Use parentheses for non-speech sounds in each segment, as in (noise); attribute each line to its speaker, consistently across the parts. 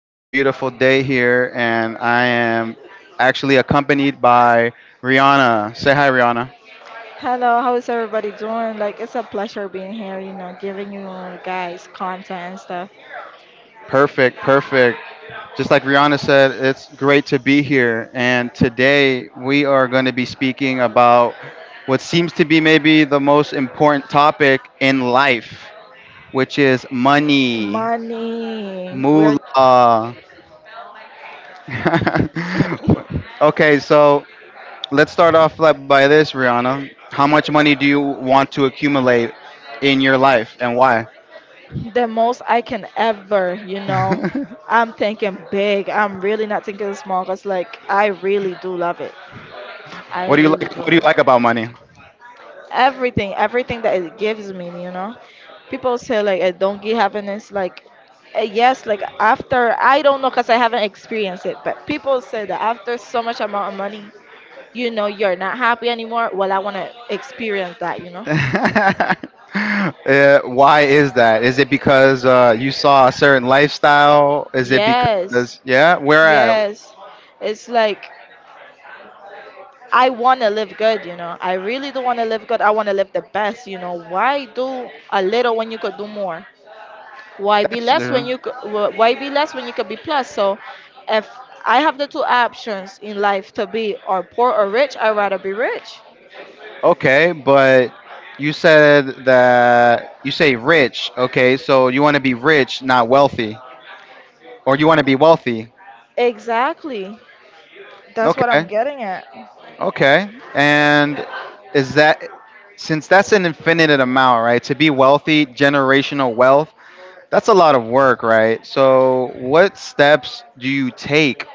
Speaker 1: It's a beautiful day here, and I am actually accompanied by Rihanna. Say hi, Rihanna.
Speaker 2: Hello, how's everybody doing? Like, it's a pleasure being here, giving you guys content and stuff.
Speaker 1: Perfect, perfect. Just like Rihanna said, it's great to be here. And today we are going to be speaking about what seems to be maybe the most important topic in life, which is money,
Speaker 2: Money, we're
Speaker 1: moolah. (laughs) Okay, so Let's start off by this, Rihanna. How much money do you want to accumulate in your life, and why?
Speaker 2: the most I can ever.
Speaker 1: (laughs)
Speaker 2: I'm thinking big, I'm really not thinking small because, like, I really do love it. I
Speaker 1: What do you
Speaker 2: really
Speaker 1: like?
Speaker 2: do
Speaker 1: What do
Speaker 2: love
Speaker 1: you
Speaker 2: it.
Speaker 1: like about money?
Speaker 2: Everything, everything that it gives me. People say, like, I don't get happiness, like, yes, like, after, I don't know, because I haven't experienced it. But people say that after so much amount of money you're not happy anymore. Well, I want to experience that
Speaker 1: (laughs) uh, why is that? Is it because you saw a certain lifestyle? Is it
Speaker 2: yes,
Speaker 1: because yeah, where at?
Speaker 2: yes, it's like I want to live good. I really do want to live good. I want to live the best. Why do a little when you could do more? Why be
Speaker 1: That's
Speaker 2: less when you could why be less when you could be plus? So, if I have the two options in life to be or poor or rich, I'd rather be rich.
Speaker 1: Okay, but you said that you say rich. Okay, so you want to be rich, not wealthy, or you want to be wealthy?
Speaker 2: Exactly, that's what I'm
Speaker 1: Okay,
Speaker 2: getting at.
Speaker 1: okay. And is that since that's an infinite amount, right? To be wealthy, generational wealth, that's a lot of work, right? So, what steps do you take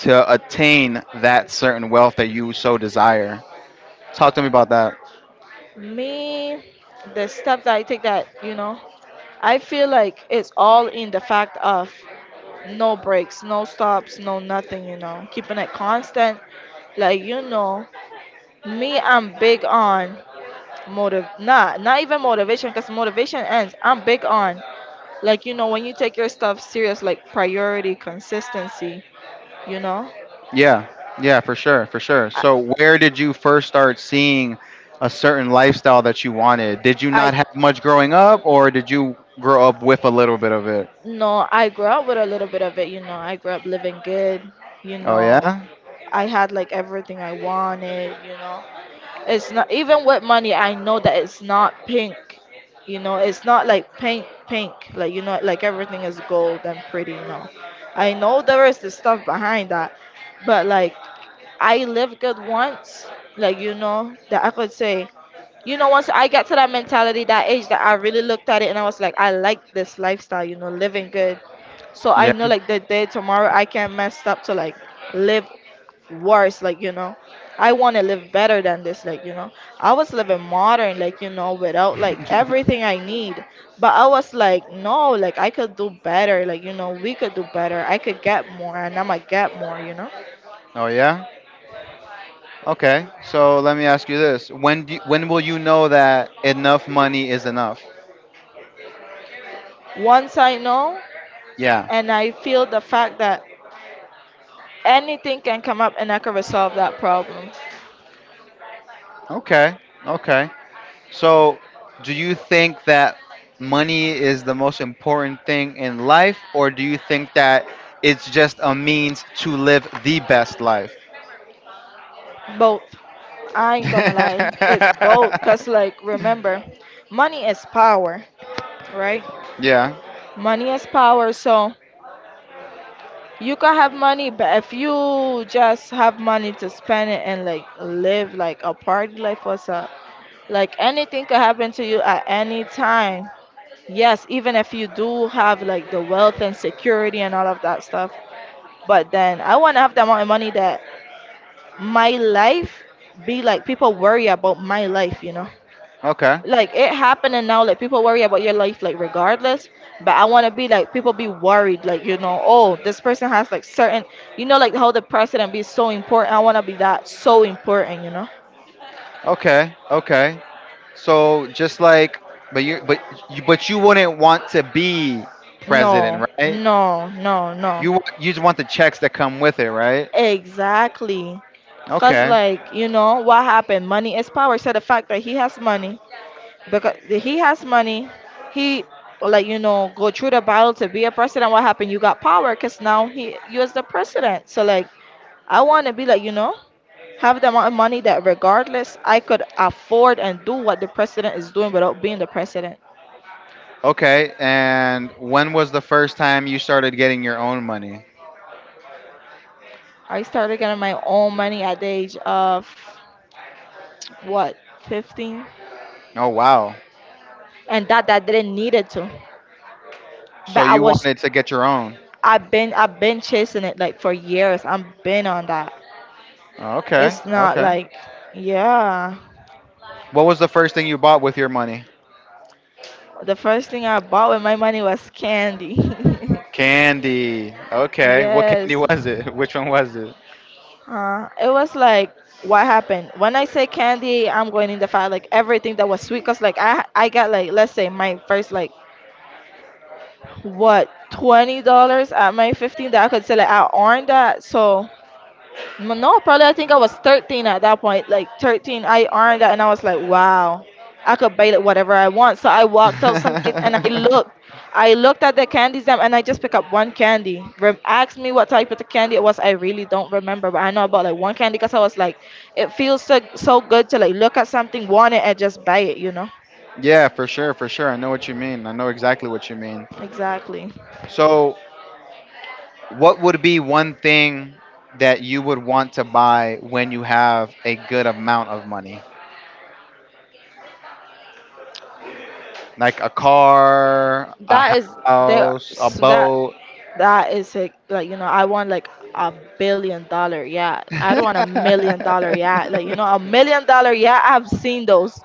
Speaker 1: to attain that certain wealth that you so desire? Talk to me about that.
Speaker 2: Me, the steps that I take that, I feel like it's all in the fact of no breaks, no stops, no nothing, keeping it constant. Like, me, I'm big on motive, not even motivation, because motivation ends. I'm big on, like, when you take your stuff serious, like priority, consistency, you know.
Speaker 1: Yeah. Yeah, for sure, for sure.
Speaker 2: I,
Speaker 1: So, where did you first start seeing a certain lifestyle that you wanted? Did you
Speaker 2: I
Speaker 1: not have much growing up or did you grow up with a little bit of it?
Speaker 2: No, I grew up with a little bit of it. I grew up living good, you
Speaker 1: Oh
Speaker 2: know.
Speaker 1: yeah?
Speaker 2: I had like everything I wanted. It's not even with money, I know that it's not pink. It's not like pink, pink, like like everything is gold and pretty. No, I know there is the stuff behind that, but like I lived good once, like, that I could say, once I got to that mentality, that age, that I really looked at it and I was like, I like this lifestyle, living good, so I
Speaker 1: Yeah.
Speaker 2: know like the day tomorrow I can not mess up to like live worse, like. I want to live better than this, like. I was living modern, like, without like everything I need. But I was like, no, like I could do better, like, we could do better. I could get more, and I'ma get more.
Speaker 1: Oh yeah. Okay, so let me ask you this: when will you know that enough money is enough?
Speaker 2: Once I know,
Speaker 1: Yeah.
Speaker 2: and I feel the fact that anything can come up, and I can resolve that problem.
Speaker 1: Okay. Okay. So, do you think that money is the most important thing in life, or do you think that it's just a means to live the best life?
Speaker 2: Both. I ain't
Speaker 1: (laughs)
Speaker 2: gonna lie, it's both. Cause like, remember, money is power, right?
Speaker 1: Yeah.
Speaker 2: Money is power. So you can have money, but if you just have money to spend it and like live like a party life, what's up? Like anything could happen to you at any time. Yes, even if you do have like the wealth and security and all of that stuff, but then I want to have the amount of money that my life be like people worry about my life.
Speaker 1: Okay.
Speaker 2: Like it happened and now like people worry about your life like regardless, but I want to be like people be worried like oh this person has like certain like how the president be so important. I want to be that so important
Speaker 1: Okay. Okay. So just like, but you, but you wouldn't want to be
Speaker 2: no,
Speaker 1: president, right?
Speaker 2: no, no, no.
Speaker 1: You just want the checks that come with it, right?
Speaker 2: Exactly, because
Speaker 1: Okay.
Speaker 2: like you know what happened, money is power. So the fact that he has money, because he has money, he, like go through the battle to be a president. What happened? You got power, because now he, you, is the president, so like, I want to be like, have the amount of money that regardless I could afford and do what the president is doing without being the president.
Speaker 1: Okay. And when was the first time you started getting your own money?
Speaker 2: I started getting my own money at the age of what, 15?
Speaker 1: Oh wow.
Speaker 2: And that didn't need it to.
Speaker 1: So
Speaker 2: But I
Speaker 1: you
Speaker 2: was
Speaker 1: wanted to get your own.
Speaker 2: I've been I've been chasing it like for years. I'm been on that.
Speaker 1: Okay.
Speaker 2: It's not
Speaker 1: Okay.
Speaker 2: like, yeah.
Speaker 1: What was the first thing you bought with your money?
Speaker 2: The first thing I bought with my money was candy.
Speaker 1: Candy. Okay. What candy
Speaker 2: (laughs) Yes,
Speaker 1: was it? (laughs) Which one was it?
Speaker 2: It was like what happened when I say candy, I'm going in the fire like everything that was sweet. Cause like I got like let's say my first like what $20 at my 15 that I could say like I earned that. So no, probably I think I was 13 at that point. Like 13, I earned that, and I was like, wow, I could buy like whatever I want. So I walked outside and I looked.
Speaker 1: (laughs)
Speaker 2: I looked at the candies them, and I just picked up one candy. Asked me what type of the candy it was. I really don't remember, but I know about like one candy because I was like, it feels so so good to like look at something, want it, and just buy it. You know?
Speaker 1: Yeah, for sure, for sure. I know what you mean. I know exactly what you mean.
Speaker 2: Exactly.
Speaker 1: So, what would be one thing that you would want to buy when you have a good amount of money? Like a car,
Speaker 2: that
Speaker 1: a
Speaker 2: is there
Speaker 1: house, a
Speaker 2: s- that
Speaker 1: boat.
Speaker 2: that is a, like I want like $1 billion, yeah. I don't want $1 million, yeah. Like a
Speaker 1: (laughs)
Speaker 2: million dollar yeah, I've seen those.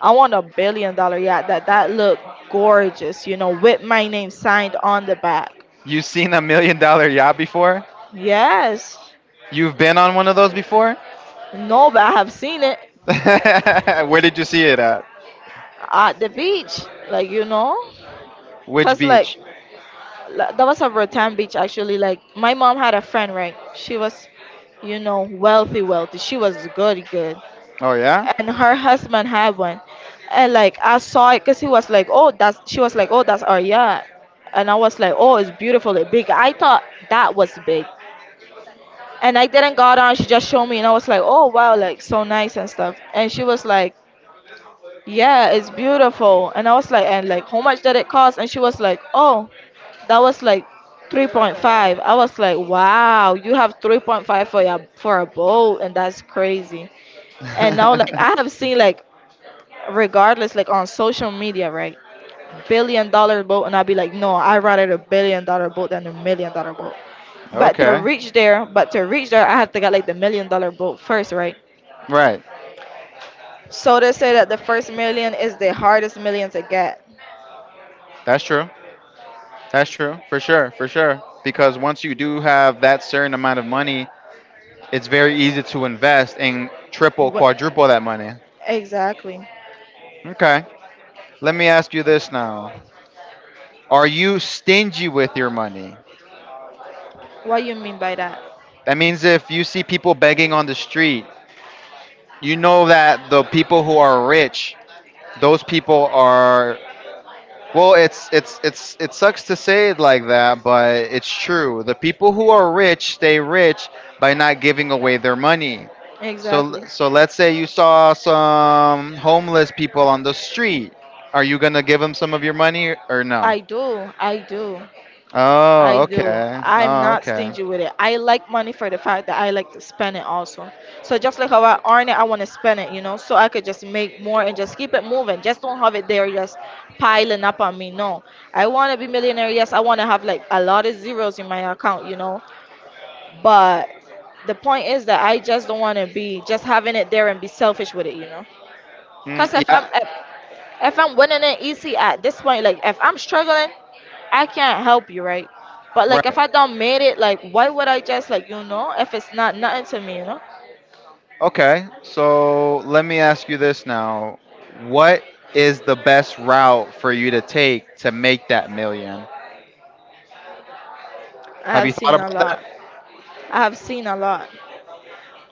Speaker 2: I want $1 billion, yeah, that look gorgeous with my name signed on the back.
Speaker 1: You seen $1 million yacht before?
Speaker 2: Yes.
Speaker 1: You've been on one of those before?
Speaker 2: No, but I have seen it.
Speaker 1: (laughs) Where did you see it at?
Speaker 2: At the beach, like
Speaker 1: Which
Speaker 2: because like,
Speaker 1: beach?
Speaker 2: that was a Rotan Beach actually. Like my mom had a friend, right? She was wealthy, wealthy. She was good, good,
Speaker 1: Oh, yeah?
Speaker 2: and her husband had one. And like I saw it, cause he was like, oh, that's. She was like, oh, that's our yacht, and I was like, oh, it's beautiful, it's big. I thought that was big, and I didn't got on. She just showed me, and I was like, oh wow, like so nice and stuff. And she was like, yeah, it's beautiful. And I was like, and like, how much did it cost? And she was like, oh, that was like 3.5. I was like, wow, you have 3.5 for your for a bowl, and that's crazy. And now, like, I have
Speaker 1: (laughs)
Speaker 2: seen like, regardless, like on social media, right, billion-dollar boat, and I'll be like, no, I rather the billion-dollar boat than the million-dollar boat. But to
Speaker 1: Okay.
Speaker 2: reach there, but to reach there, I have to get like the million-dollar boat first, right?
Speaker 1: Right.
Speaker 2: So they say that the first million is the hardest million to get.
Speaker 1: That's true. That's true. For sure. For sure. Because once you do have that certain amount of money, it's very easy to invest and triple, quadruple that money.
Speaker 2: Exactly.
Speaker 1: Okay. Let me ask you this now. Are you stingy with your money?
Speaker 2: What you mean by that?
Speaker 1: That means if you see people begging on the street, you know that the people who are rich, those people are well, it sucks to say it like that, but it's true. The people who are rich stay rich by not giving away their money. So
Speaker 2: Exactly.
Speaker 1: let's say you saw some homeless people on the street. Are you gonna give them some of your money or no?
Speaker 2: I do. I do. I
Speaker 1: Oh,
Speaker 2: do.
Speaker 1: okay.
Speaker 2: I'm
Speaker 1: Oh,
Speaker 2: not
Speaker 1: okay.
Speaker 2: stingy with it. I like money for the fact that I like to spend it also. So just like how I earn it, I want to spend it, so I could just make more and just keep it moving. Just don't have it there just piling up on me. No. I want to be millionaire. Yes, I want to have like a lot of zeros in my account. But the point is that I just don't want to be just having it there and be selfish with it.
Speaker 1: Mm,
Speaker 2: Cause if I'm
Speaker 1: yeah.
Speaker 2: if If I'm winning it easy at this point, like if I'm struggling, I can't help you, right? But like
Speaker 1: Right.
Speaker 2: if I don't made it, like why would I just like if it's not nothing to me, you know?
Speaker 1: Okay. So let me ask you this now. What is the best route for you to take to make that million?
Speaker 2: I
Speaker 1: Have you
Speaker 2: have
Speaker 1: thought
Speaker 2: seen a
Speaker 1: about
Speaker 2: lot.
Speaker 1: that?
Speaker 2: I have seen a lot.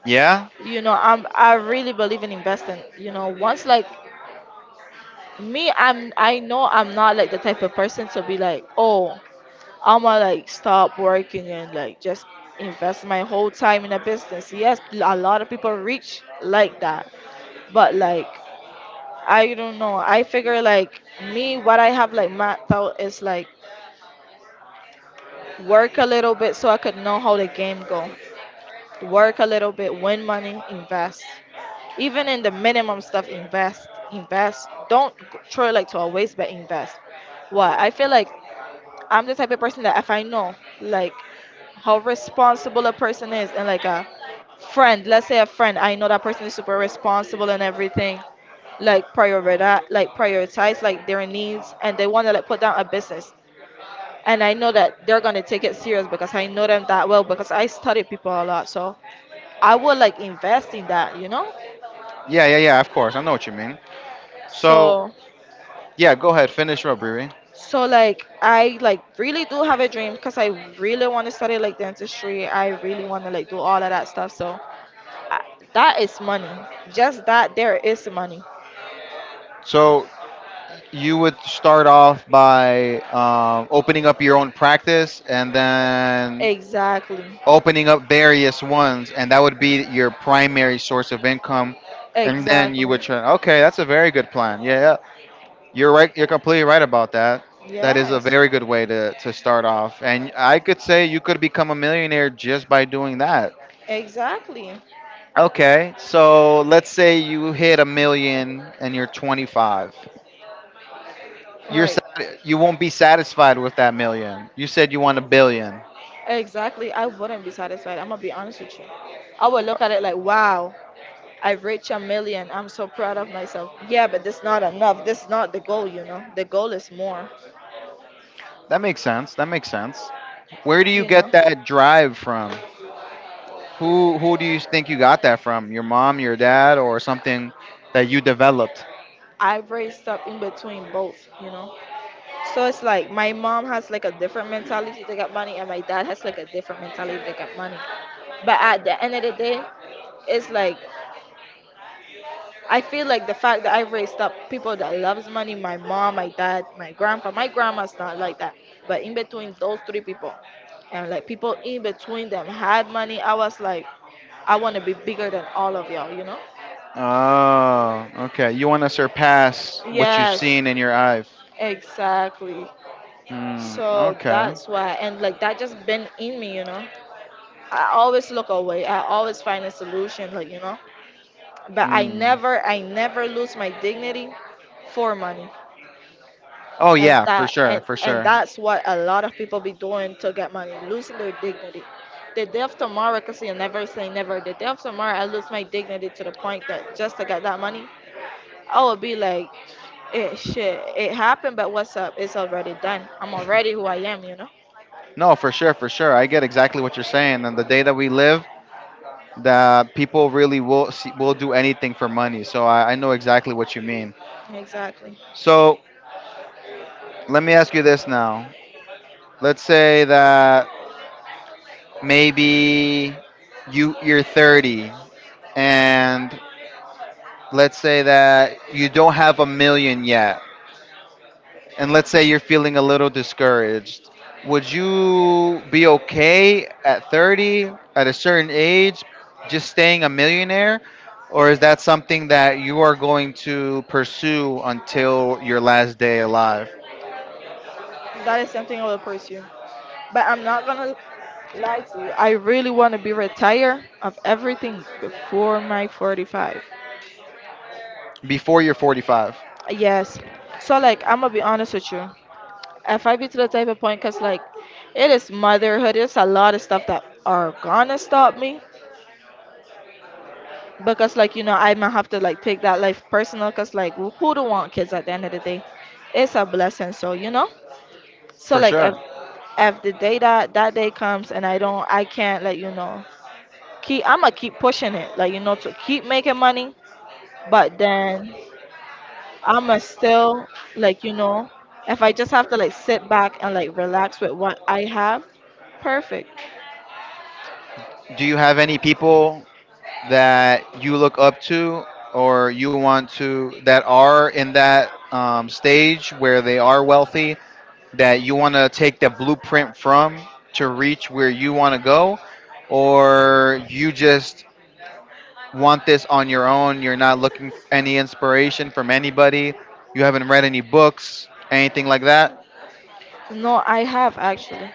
Speaker 1: Yeah.
Speaker 2: You know, I really believe in investing. You know, once like me, I know I'm not like the type of person to be like, oh, I'ma like stop working and like just invest my whole time in a business. Yes, a lot of people reach like that, but like I don't know. I figure like me, what I have like mapped out is like work a little bit so I could know how the game go. Work a little bit, win money, invest. Even in the minimum stuff, invest, invest. Don't throw it like to a waste, but invest. Why? I feel like I'm the type of person that if I know like how responsible a person is and like a friend, let's say a friend, I know that person is super responsible and everything. Like prioritize like their needs and they want to like put down a business. And I know that they're gonna take it serious because I know them that well because I study people a lot. So I would like invest in that, you know?
Speaker 1: Yeah. Yeah. Yeah. Of course. I know what you mean. So
Speaker 2: So
Speaker 1: yeah. Go ahead. Finish up, Riri.
Speaker 2: so like I like really do have a dream because I really want to study like dentistry. I really want to like do all of that stuff. So I- that is money. Just that there is money.
Speaker 1: So you would start off by opening up your own practice and then
Speaker 2: Exactly.
Speaker 1: opening up various ones and that would be your primary source of income and then you would
Speaker 2: Exactly.
Speaker 1: turn okay, that's a very good plan, yeah, yeah. You're right, you're completely right about that. That is a
Speaker 2: Yes.
Speaker 1: very good way to start off, and I could say you could become a millionaire just by doing that.
Speaker 2: Exactly.
Speaker 1: Okay, so let's say you hit a million and you're 25. You're
Speaker 2: Right.
Speaker 1: you won't be satisfied with that million. You said you want a billion.
Speaker 2: Exactly. I wouldn't be satisfied. I'm gonna be honest with you. I would look at it like, wow, I've reached a million. I'm so proud of myself. Yeah, but that's not enough. That's not the goal. The goal is more,
Speaker 1: That makes sense. That makes sense. Where do you
Speaker 2: you
Speaker 1: get
Speaker 2: know.
Speaker 1: that drive from? Who do you think you got that from? Your mom, your dad, or something that you developed?
Speaker 2: I've raised up in between both. So it's like my mom has like a different mentality to get money, and my dad has like a different mentality to get money. But at the end of the day, it's like I feel like the fact that I raised up people that loves money, my mom, my dad, my grandpa, my grandma's not like that. But in between those three people, and like people in between them had money, I was like, I want to be bigger than all of y'all, you know?
Speaker 1: Oh, okay. You want to surpass what you've
Speaker 2: Yes,
Speaker 1: seen in your eyes.
Speaker 2: exactly.
Speaker 1: Hmm.
Speaker 2: So
Speaker 1: Okay.
Speaker 2: that's why, and like that just been in me. I always look away. I always find a solution, like. But I
Speaker 1: Hmm.
Speaker 2: never, I never lose my dignity for money,
Speaker 1: Oh
Speaker 2: and
Speaker 1: yeah, for
Speaker 2: that,
Speaker 1: sure,
Speaker 2: and
Speaker 1: for
Speaker 2: and
Speaker 1: sure.
Speaker 2: that's what a lot of people be doing to get money, losing their dignity. The day of tomorrow, cause you never say never. The day of tomorrow, I lose my dignity to the point that just to get that money, I would be like, it shit, it happened, but what's up? It's already done. I'm already who I am.
Speaker 1: No, for sure, for sure. I get exactly what you're saying. And the day that we live, that people really will see, will do anything for money. So I know exactly what you mean.
Speaker 2: Exactly.
Speaker 1: So let me ask you this now. Let's say that maybe you're 30 and let's say that you don't have a million yet. And let's say you're feeling a little discouraged, would you be okay at 30, at a certain age, just staying a millionaire? Or is that something that you are going to pursue until your last day alive,
Speaker 2: That is something I will pursue. But I'm not gonna lie to you. I really want to be retired of everything before my 45.
Speaker 1: before you're 45?
Speaker 2: Yes. So like I'm gonna be honest with you. If I be to the type of point, cause like it is motherhood. It's a lot of stuff that are gonna stop me. Because like I might have to like take that life personal. Cause like who don't want kids at the end of the day? It's a blessing. So you know. So
Speaker 1: For
Speaker 2: like
Speaker 1: sure.
Speaker 2: if the day that that day comes and I don't, I can't let you know. Keep I'm gonna keep pushing it, like to keep making money. But then I'm gonna still like if I just have to like sit back and like relax with what I have, perfect.
Speaker 1: Do you have any people that you look up to or you want to that are in that stage where they are wealthy that you want to take the blueprint from to reach where you want to go, or you just want this on your own? You're not looking for any inspiration from anybody? You haven't read any books, anything like that?
Speaker 2: No, I have actually.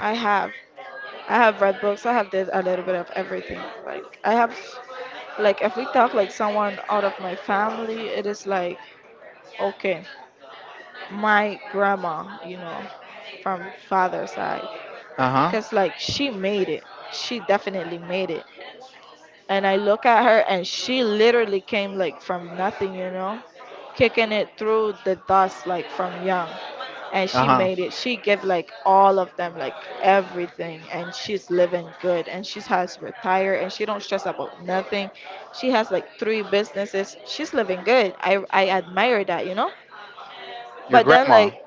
Speaker 2: I have. I have read books. I have did a little bit of everything. Like I have, like if we talk like someone out of my family, it is like okay, my grandma, from father side,
Speaker 1: Uh-huh.
Speaker 2: cause like she made it. She definitely made it. And I look at her and she literally came like from nothing, kicking it through the dust like from young. And she
Speaker 1: Uh-huh.
Speaker 2: made it. She gave like all of them like everything and she's living good and she has retired and she don't stress about nothing. She has like three businesses. She's living good. I admire that, you know?
Speaker 1: Your
Speaker 2: But then
Speaker 1: grandma.
Speaker 2: like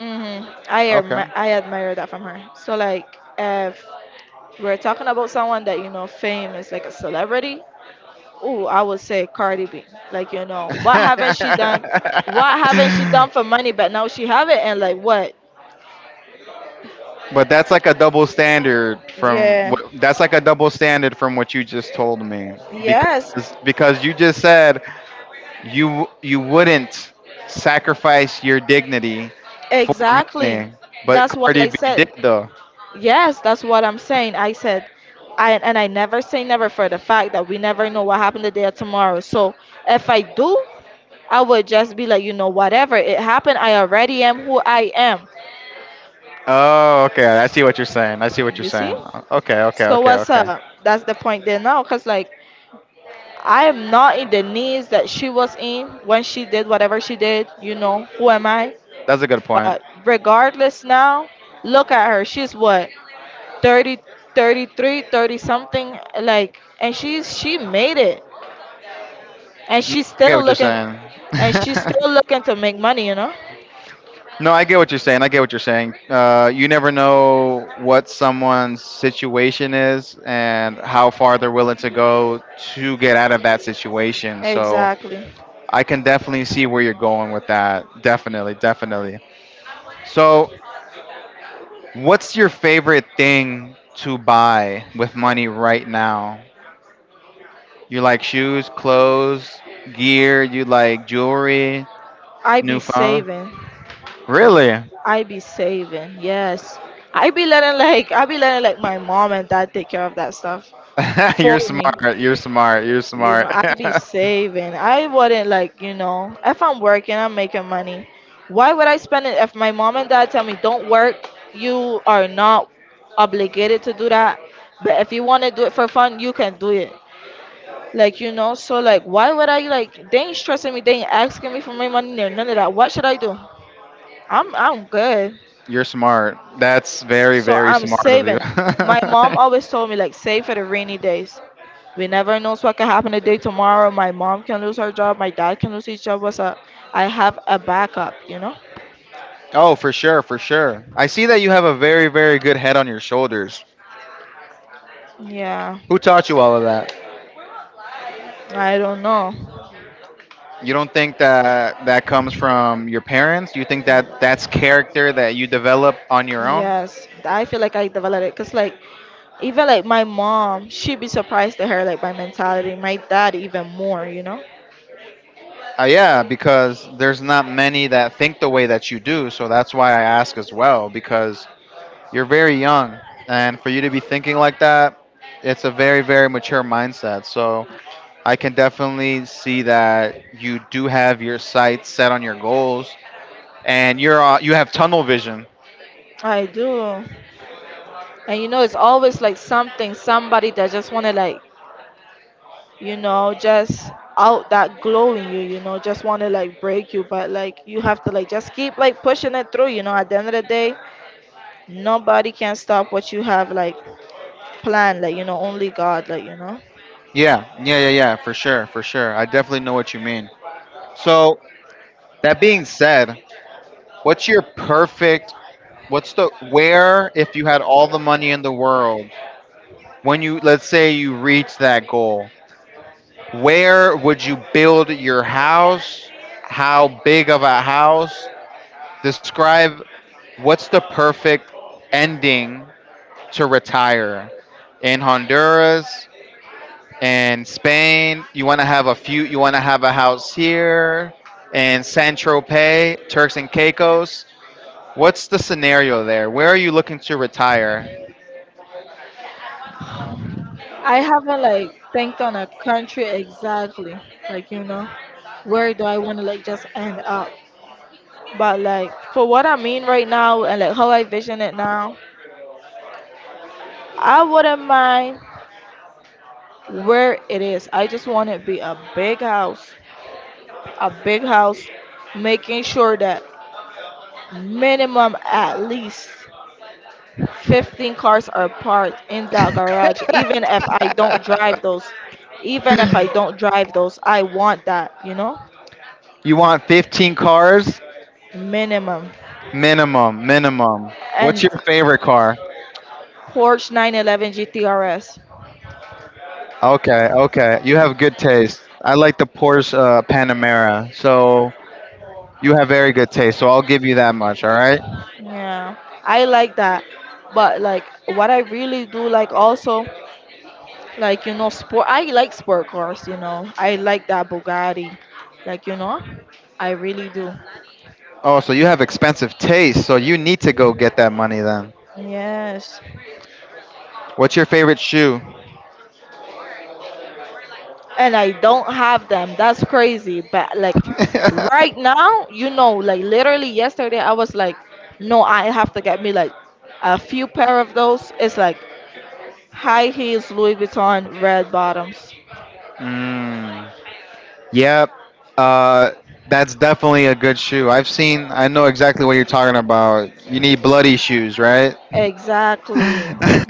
Speaker 2: hmm I admi-
Speaker 1: Okay.
Speaker 2: I admire that from her. So like if we're talking about someone that fame is like a celebrity, oh, I would say Cardi B. Like what haven't she done?
Speaker 1: (laughs)
Speaker 2: What haven't she done for money? But now she have it, and like what?
Speaker 1: But
Speaker 2: Yeah.
Speaker 1: that's like a double standard from what you just told me,
Speaker 2: Yes.
Speaker 1: because because you just said you you wouldn't sacrifice your dignity for
Speaker 2: Exactly.
Speaker 1: money, but
Speaker 2: That's what
Speaker 1: Cardi
Speaker 2: I
Speaker 1: B did
Speaker 2: said.
Speaker 1: though.
Speaker 2: Yes, that's what I'm saying. I said, I never say never for the fact that we never know what happened today or tomorrow. So if I do, I would just be like, whatever it happened, I already am who I am.
Speaker 1: Oh, okay. I see what you're saying. I see what you're
Speaker 2: You see?
Speaker 1: saying. Okay, okay,
Speaker 2: So
Speaker 1: okay,
Speaker 2: what's
Speaker 1: okay.
Speaker 2: up? That's the point there now, cause like I am not in the knees that she was in when she did whatever she did. You know, who am I?
Speaker 1: That's a good point.
Speaker 2: But regardless now, look at her. She's what, 30, 33, 30 something? Like, and she made it. And she's
Speaker 1: I get
Speaker 2: still
Speaker 1: what you're
Speaker 2: looking,
Speaker 1: saying.
Speaker 2: and she's
Speaker 1: (laughs)
Speaker 2: still looking to make money, you know?
Speaker 1: No, I get what you're saying. I get what you're saying. You never know what someone's situation is and how far they're willing to go to get out of that situation. So
Speaker 2: Exactly.
Speaker 1: I can definitely see where you're going with that. Definitely, definitely. So what's your favorite thing to buy with money right now? You like shoes, clothes, gear, you like jewelry,
Speaker 2: I be
Speaker 1: new phone?
Speaker 2: saving.
Speaker 1: Really?
Speaker 2: I be saving. Yes. I be letting like my mom and dad take care of that stuff
Speaker 1: (laughs)
Speaker 2: for
Speaker 1: you're
Speaker 2: me.
Speaker 1: smart. You're smart. You're
Speaker 2: You know,
Speaker 1: smart.
Speaker 2: I be
Speaker 1: (laughs)
Speaker 2: saving. I wouldn't like, if I'm working, I'm making money. Why would I spend it if my mom and dad tell me don't work? You are not obligated to do that. But if you want to do it for fun, you can do it. Like, so like, why would I like? They ain't stressing me. They ain't asking me for my money. There, none of that. What should I do? I'm good.
Speaker 1: you're smart. That's very,
Speaker 2: So
Speaker 1: very
Speaker 2: I'm
Speaker 1: smart of you.
Speaker 2: saving. My mom always told me like save for the rainy days. We never knows what can happen today, tomorrow. My mom can lose her job. My dad can lose his job. What's up? I have a backup, you know?
Speaker 1: (laughs) oh, for sure, for sure. I see that you have a very, very good head on your shoulders.
Speaker 2: Yeah,
Speaker 1: Who taught you all of that?
Speaker 2: I don't know.
Speaker 1: You don't think that that comes from your parents? You think that that's character that you develop on your own?
Speaker 2: Yes, I feel like I developed it because, like, even like my mom, she'd be surprised to her, like, my mentality. My dad, even more, you know?
Speaker 1: Yeah, because there's not many that think the way that you do. So that's why I ask as well, because you're very young. And for you to be thinking like that, it's a very, very mature mindset. So I can definitely see that you do have your sights set on your goals and you're, you have tunnel vision.
Speaker 2: I do. And it's always like something, somebody that just want to, like, just out that glow in you, just want to, like, break you. But, like, you have to, like, just keep, like, pushing it through, you know? At the end of the day, nobody can stop what you have like planned, only God.
Speaker 1: Yeah, yeah, yeah, yeah, for sure, for sure. I definitely know what you mean. So That being said, what's your perfect what's the where if you had all the money in the world when you let's say you reach that goal, where would you build your house? How big of a house? Describe what's the perfect ending to retire in Honduras and Spain. You want to have a few, you want to have a house here in San Tropez, Turks and Caicos? What's the scenario there? Where are you looking to retire?
Speaker 2: I haven't like think on a country exactly, like you know, where do I want to like just end up? But like for what I mean right now and like how I vision it now, I wouldn't mind where it is. I just want it to be a big house, making sure that minimum at least 15 cars are parked in that garage, even if I don't drive those even if I don't drive those I want that.
Speaker 1: You want 15 cars?
Speaker 2: Minimum.
Speaker 1: Minimum, minimum. What's
Speaker 2: And
Speaker 1: your favorite car?
Speaker 2: Porsche 911 GTRS.
Speaker 1: Okay, okay. You have good taste. I like the Porsche Panamera. So you have very good taste. So I'll give you that much, all right?
Speaker 2: Yeah, I like that. But like what I really do like also, like sport. I like sport cars. I like that Bugatti like you know I really do.
Speaker 1: Oh, so you have expensive taste. So you need to go get that money then.
Speaker 2: Yes.
Speaker 1: What's your favorite shoe?
Speaker 2: And I don't have them. That's crazy. But like right
Speaker 1: (laughs)
Speaker 2: now, like literally yesterday I was like, no, I have to get me like a few pair of those. It's like high heels, Louis Vuitton, red bottoms.
Speaker 1: Mm. Yep. Uh, that's definitely a good shoe. I've seen. I know exactly what you're talking about. You need bloody shoes, right?
Speaker 2: Exactly.
Speaker 1: (laughs)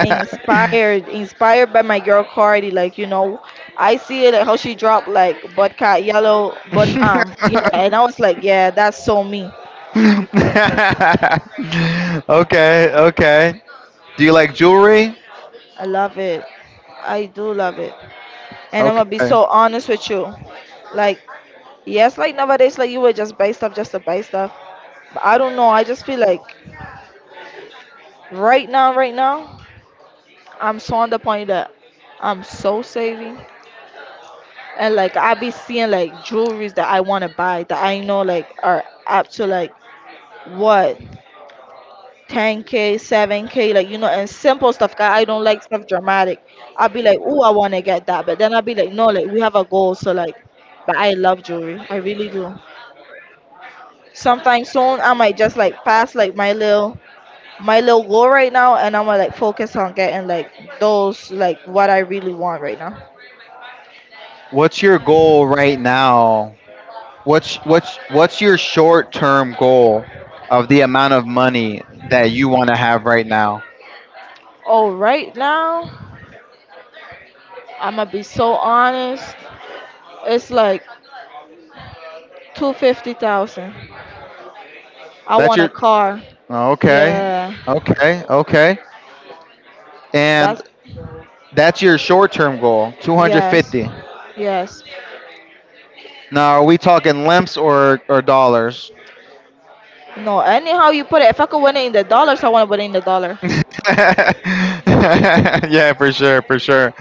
Speaker 2: Inspired, inspired by my girl Cardi, I see it like how she dropped like Budcat Yellow, but yeah, and I was like, yeah, that's so me.
Speaker 1: Okay. Okay. Do you like jewelry?
Speaker 2: I love it. I do love it. And I'm gonna be
Speaker 1: Okay.
Speaker 2: so honest with you. Like, yes, like nowadays, like you would just buy stuff just to buy stuff. But I don't know. I just feel like right now, I'm so on the point that I'm so saving. And like I be seeing like jewelries that I wanna buy that I know like are up to like what 10K, 7K, and simple stuff. 'Cause I don't like stuff dramatic. I'll be like, oh, I wanna get that, but then I'll be like, no, like we have a goal, so like, but I love jewelry. I really do. Sometime soon I might just like pass like my little goal right now and I'm gonna like focus on getting like those like what I really want right now.
Speaker 1: What's your goal right now? What's your short-term goal of the amount of money that you want to have right now?
Speaker 2: Oh right now I'm gonna be so honest it's like 250,000. I
Speaker 1: That's
Speaker 2: want a
Speaker 1: your.
Speaker 2: car.
Speaker 1: Okay.
Speaker 2: Yeah.
Speaker 1: Okay, okay. And
Speaker 2: That's
Speaker 1: that's your short-term goal,
Speaker 2: Yes.
Speaker 1: 250.
Speaker 2: Yes.
Speaker 1: Now, are we talking limps or dollars?
Speaker 2: No, anyhow you put it if I could win it in the dollars I want to win it in the dollar.
Speaker 1: (laughs) Yeah, for sure, for sure.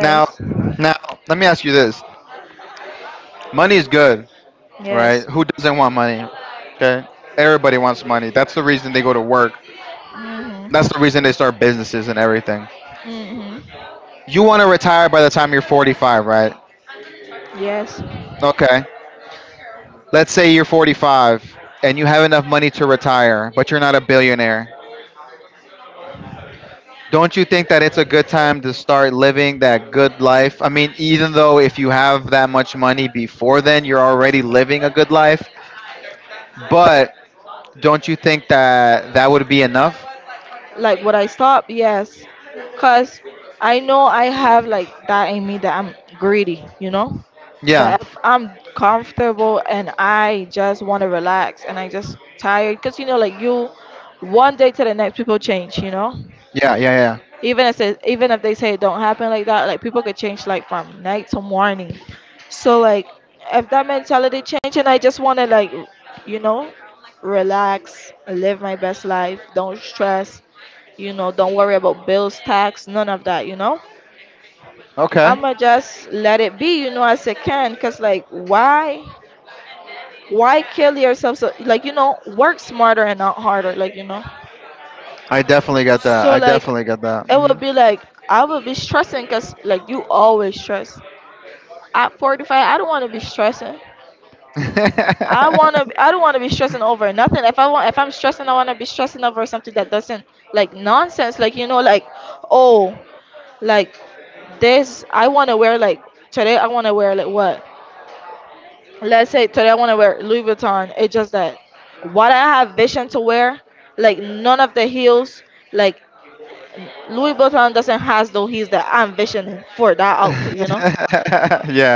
Speaker 1: Now, now let me ask you this: money is good, right?
Speaker 2: Yes.
Speaker 1: Who doesn't want money? Okay, everybody wants money. That's the reason they go to work.
Speaker 2: Mhm.
Speaker 1: That's the reason they start businesses and everything.
Speaker 2: Mhm.
Speaker 1: You want to retire by the time you're 45, right?
Speaker 2: Yes.
Speaker 1: Okay. Let's say you're 45 and you have enough money to retire, but you're not a billionaire. Don't you think that it's a good time to start living that good life? I mean, even though if you have that much money before then, you're already living a good life, but don't you think that that would be enough?
Speaker 2: Like would I stop? Yes, cause I know I have like that in me that I'm greedy.
Speaker 1: Yeah.
Speaker 2: But if I'm comfortable and I just want to relax and I just tired, cause like you, one day to the next, people change.
Speaker 1: Yeah, yeah, yeah.
Speaker 2: Even if they say it don't happen like that, like people could change like from night to morning. So like if that mentality change and I just want to like, you know, relax, live my best life, don't stress don't worry about bills tax none of that.
Speaker 1: Okay.
Speaker 2: I'ma just let it be, as I can because like why kill yourself so like work smarter and not harder, like you know.
Speaker 1: I definitely got that.
Speaker 2: So
Speaker 1: I
Speaker 2: like
Speaker 1: definitely got that.
Speaker 2: it
Speaker 1: Hmm.
Speaker 2: would be like I would be stressing because like you always stress at 45. I don't want to be stressing.
Speaker 1: (laughs)
Speaker 2: I don't want to be stressing over nothing. If I'm stressing I want to be stressing over something that doesn't like nonsense, like like oh like this, I want to wear like today. I want to wear like what? Let's say today I want to wear Louis Vuitton. It's just that what I have vision to wear, like none of the heels, like Louis Vuitton doesn't has those heels that I'm visioning for that outfit. You know.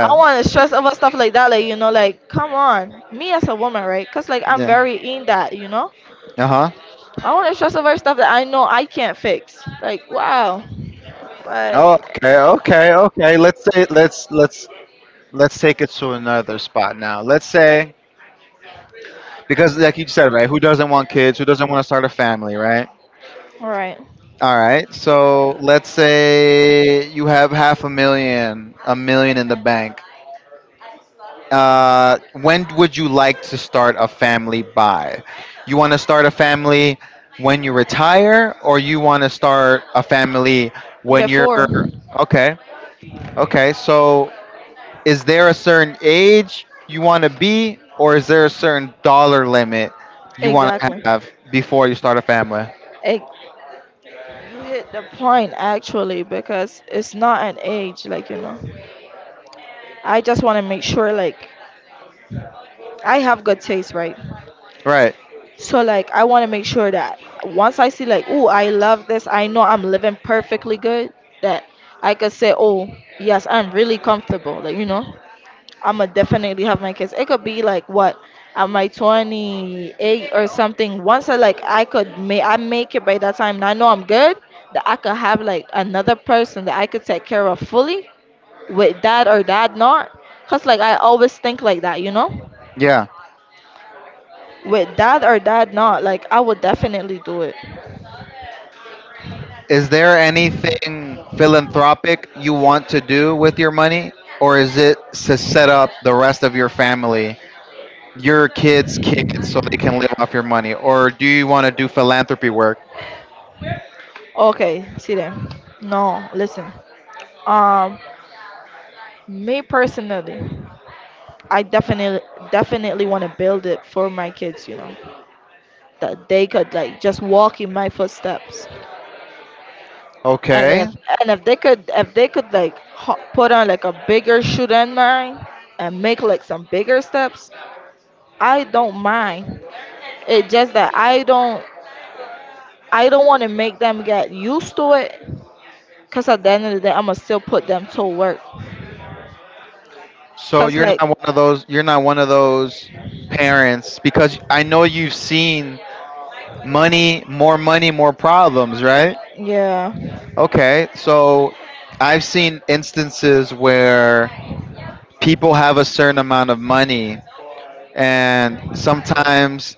Speaker 2: I want to stress over stuff like that, like you know, like come on, me as a woman, right? Cause like I'm
Speaker 1: Yeah.
Speaker 2: very in that, you know.
Speaker 1: Uh-huh.
Speaker 2: I want to stress over stuff that I know I can't fix. Like wow, but
Speaker 1: Oh, okay, okay, okay. Let's say let's take it to another spot now. Let's say Because, like you said, right? Who doesn't want kids? Who doesn't want to start a family, right?
Speaker 2: all right,
Speaker 1: All right. So let's say you have half a million in the bank. When would you like to start a family by? You want to start a family when you retire, or you want to start a family when you're.
Speaker 2: before
Speaker 1: Okay? Okay. So is there a certain age you want to be, or is there a certain dollar limit you want to
Speaker 2: exactly,
Speaker 1: have before you start a family?
Speaker 2: Ex- you hit the point actually because it's not an age, like, you know. I just want to make sure, like, I have good taste, right?
Speaker 1: Right.
Speaker 2: So, like, I want to make sure that once I see, like, oh, I love this, I know I'm living perfectly good, that I could say, oh, yes, I'm really comfortable, like, you know. I'm gonna definitely have my kids. It could be like what at my 28 or something. Once I like, I could make I make it by that time, and I know I'm good that I could have like another person that I could take care of fully, with that or that not because like I always think like that you know
Speaker 1: Yeah.
Speaker 2: with that or that not like I would definitely do it
Speaker 1: Is there anything philanthropic you want to do with your money, or is it to set up the rest of your family, your kids' kids, so they can live off your money, or do you want to do philanthropy work?
Speaker 2: okay see there no listen um Me personally, I definitely want to build it for my kids, you know, that they could like just walk in my footsteps. and
Speaker 1: Okay.
Speaker 2: if and if they could if they could like put on like a bigger shoe than mine and make like some bigger steps. I don't mind. It's just that I don't want to make them get used to it because at the end of the day, I'm going to still put them to work.
Speaker 1: So
Speaker 2: Because,
Speaker 1: you're
Speaker 2: like,
Speaker 1: not one of those. You're not one of those parents, because I know you've seen money, more problems, right?
Speaker 2: yeah.
Speaker 1: Okay, so I've seen instances where people have a certain amount of money, and sometimes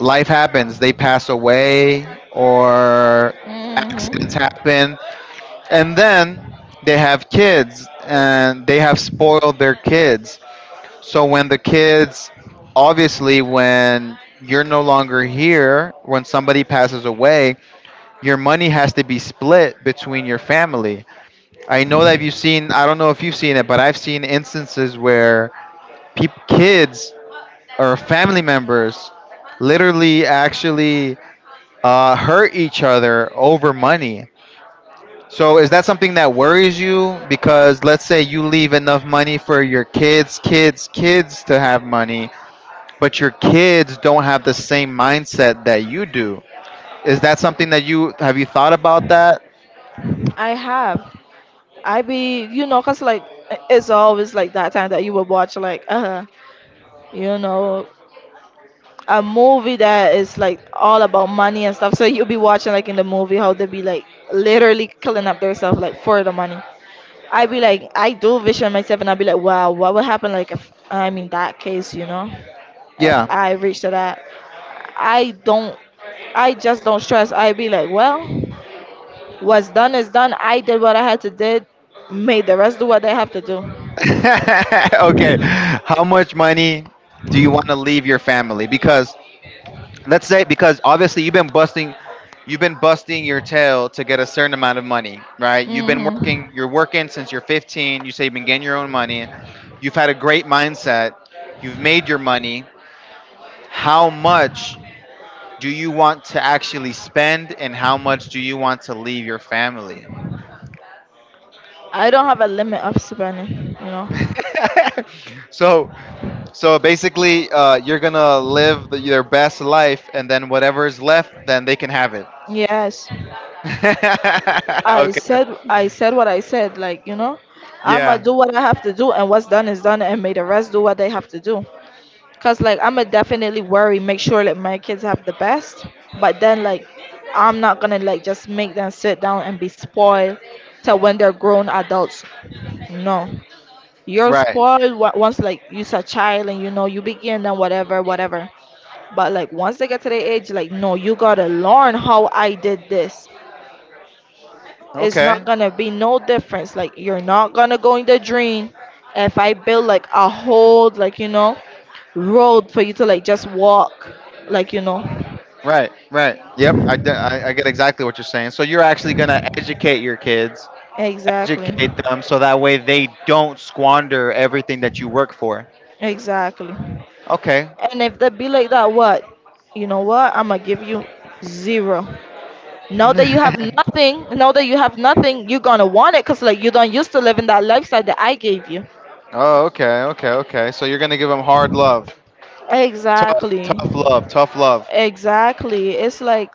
Speaker 1: life happens. They pass away, or accidents
Speaker 2: Hmm.
Speaker 1: happen, and then they have kids, and they have spoiled their kids. So when the kids, obviously, when you're no longer here, when somebody passes away, your money has to be split between your family. I know that you've seen, I don't know if you've seen it, but I've seen instances where peop kids or family members literally actually hurt each other over money. So is that something that worries you? Because let's say you leave enough money for your kids, kids, kids to have money, but your kids don't have the same mindset that you do. Is that something that you thought about that?
Speaker 2: I have. I be, you know, because, like, it's always like that time that you would watch, like, you know, a movie that is like all about money and stuff. So you'll be watching, like, in the movie, how they be, like, literally killing up themselves, like, for the money. I be like, I do vision myself, and I be like, wow, what would happen, like, if I'm in that case, you know, if
Speaker 1: Yeah.
Speaker 2: I reach to that. I don't, I just don't stress. I be like, well, what's done is done. I did what I had to did. Made the rest do what they have to do.
Speaker 1: (laughs) Okay. How much money do you want to leave your family? Because let's say, because obviously you've been busting your tail to get a certain amount of money, right? You've been
Speaker 2: Hmm.
Speaker 1: working you're working since you're 15. You say you've been getting your own money. You've had a great mindset. You've made your money. How much do you want to actually spend, and how much do you want to leave your family?
Speaker 2: I don't have a limit of spending. You know.
Speaker 1: (laughs) so so basically you're gonna live your best life, and then whatever is left then they can have it.
Speaker 2: Yes.
Speaker 1: (laughs)
Speaker 2: I
Speaker 1: Okay.
Speaker 2: said I said what I said. Like you know, I'ma
Speaker 1: Yeah.
Speaker 2: do what I have to do, and what's done is done, and may the rest do what they have to do. Cause like I'ma definitely worry, make sure that my kids have the best. But then like I'm not gonna like just make them sit down and be spoiled till when they're grown adults. No. You're
Speaker 1: Right.
Speaker 2: spoiled once like you're a child and you know you begin and whatever, whatever. But like once they get to the age, like no, you gotta learn how I did this. It's not
Speaker 1: Okay.
Speaker 2: gonna be no difference. Like you're not gonna go in the dream if I build like a whole like you know road for you to like just walk like you know.
Speaker 1: Right, right, yep, I get exactly what you're saying. So you're actually gonna educate your kids.
Speaker 2: Exactly.
Speaker 1: Educate them so that way they don't squander everything that you work for.
Speaker 2: Exactly.
Speaker 1: Okay.
Speaker 2: And if they be like that, what? You know what? I'm gonna give you zero. Now that you have
Speaker 1: (laughs)
Speaker 2: nothing, now that you have nothing, you're gonna want it because like you don't used to living that lifestyle that I gave you.
Speaker 1: Oh, okay, okay, okay. So you're gonna give them hard love, tough
Speaker 2: Exactly.
Speaker 1: tough love.
Speaker 2: Exactly. It's like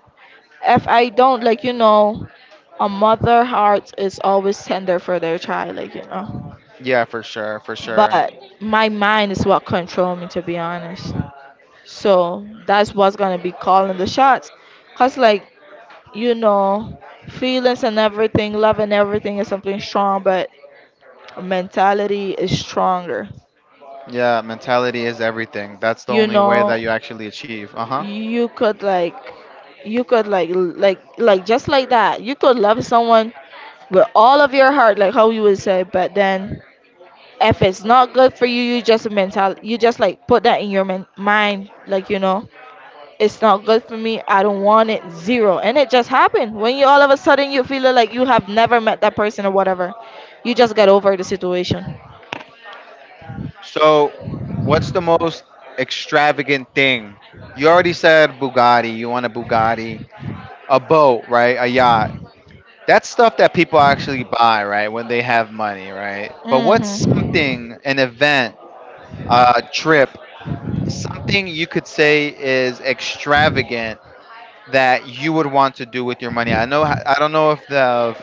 Speaker 2: if I don't like you know a mother heart is always tender for their child like you know
Speaker 1: Yeah, for sure, for sure.
Speaker 2: but my mind is what control me to be honest, so that's what's gonna be calling the shots, cause like you know feelings and everything love and everything is something strong, but mentality is stronger.
Speaker 1: Yeah, mentality is everything. That's the
Speaker 2: You
Speaker 1: only way that
Speaker 2: know,
Speaker 1: you actually achieve. Uh huh.
Speaker 2: you could like you could like just like that you could love someone with all of your heart like how you would say, but then if it's not good for you you just mental you just like put that in your mind, like you know, it's not good for me I don't want it zero, and it just happened when you all of a sudden you feel like you have never met that person or whatever, you just get over the situation.
Speaker 1: So, what's the most extravagant thing? You already said Bugatti. You want a Bugatti, a boat, right? A yacht. That's stuff that people actually buy, right? When they have money, right? But what's
Speaker 2: Hmm.
Speaker 1: something, an event, a trip, something you could say is extravagant that you would want to do with your money? I know. I don't know if the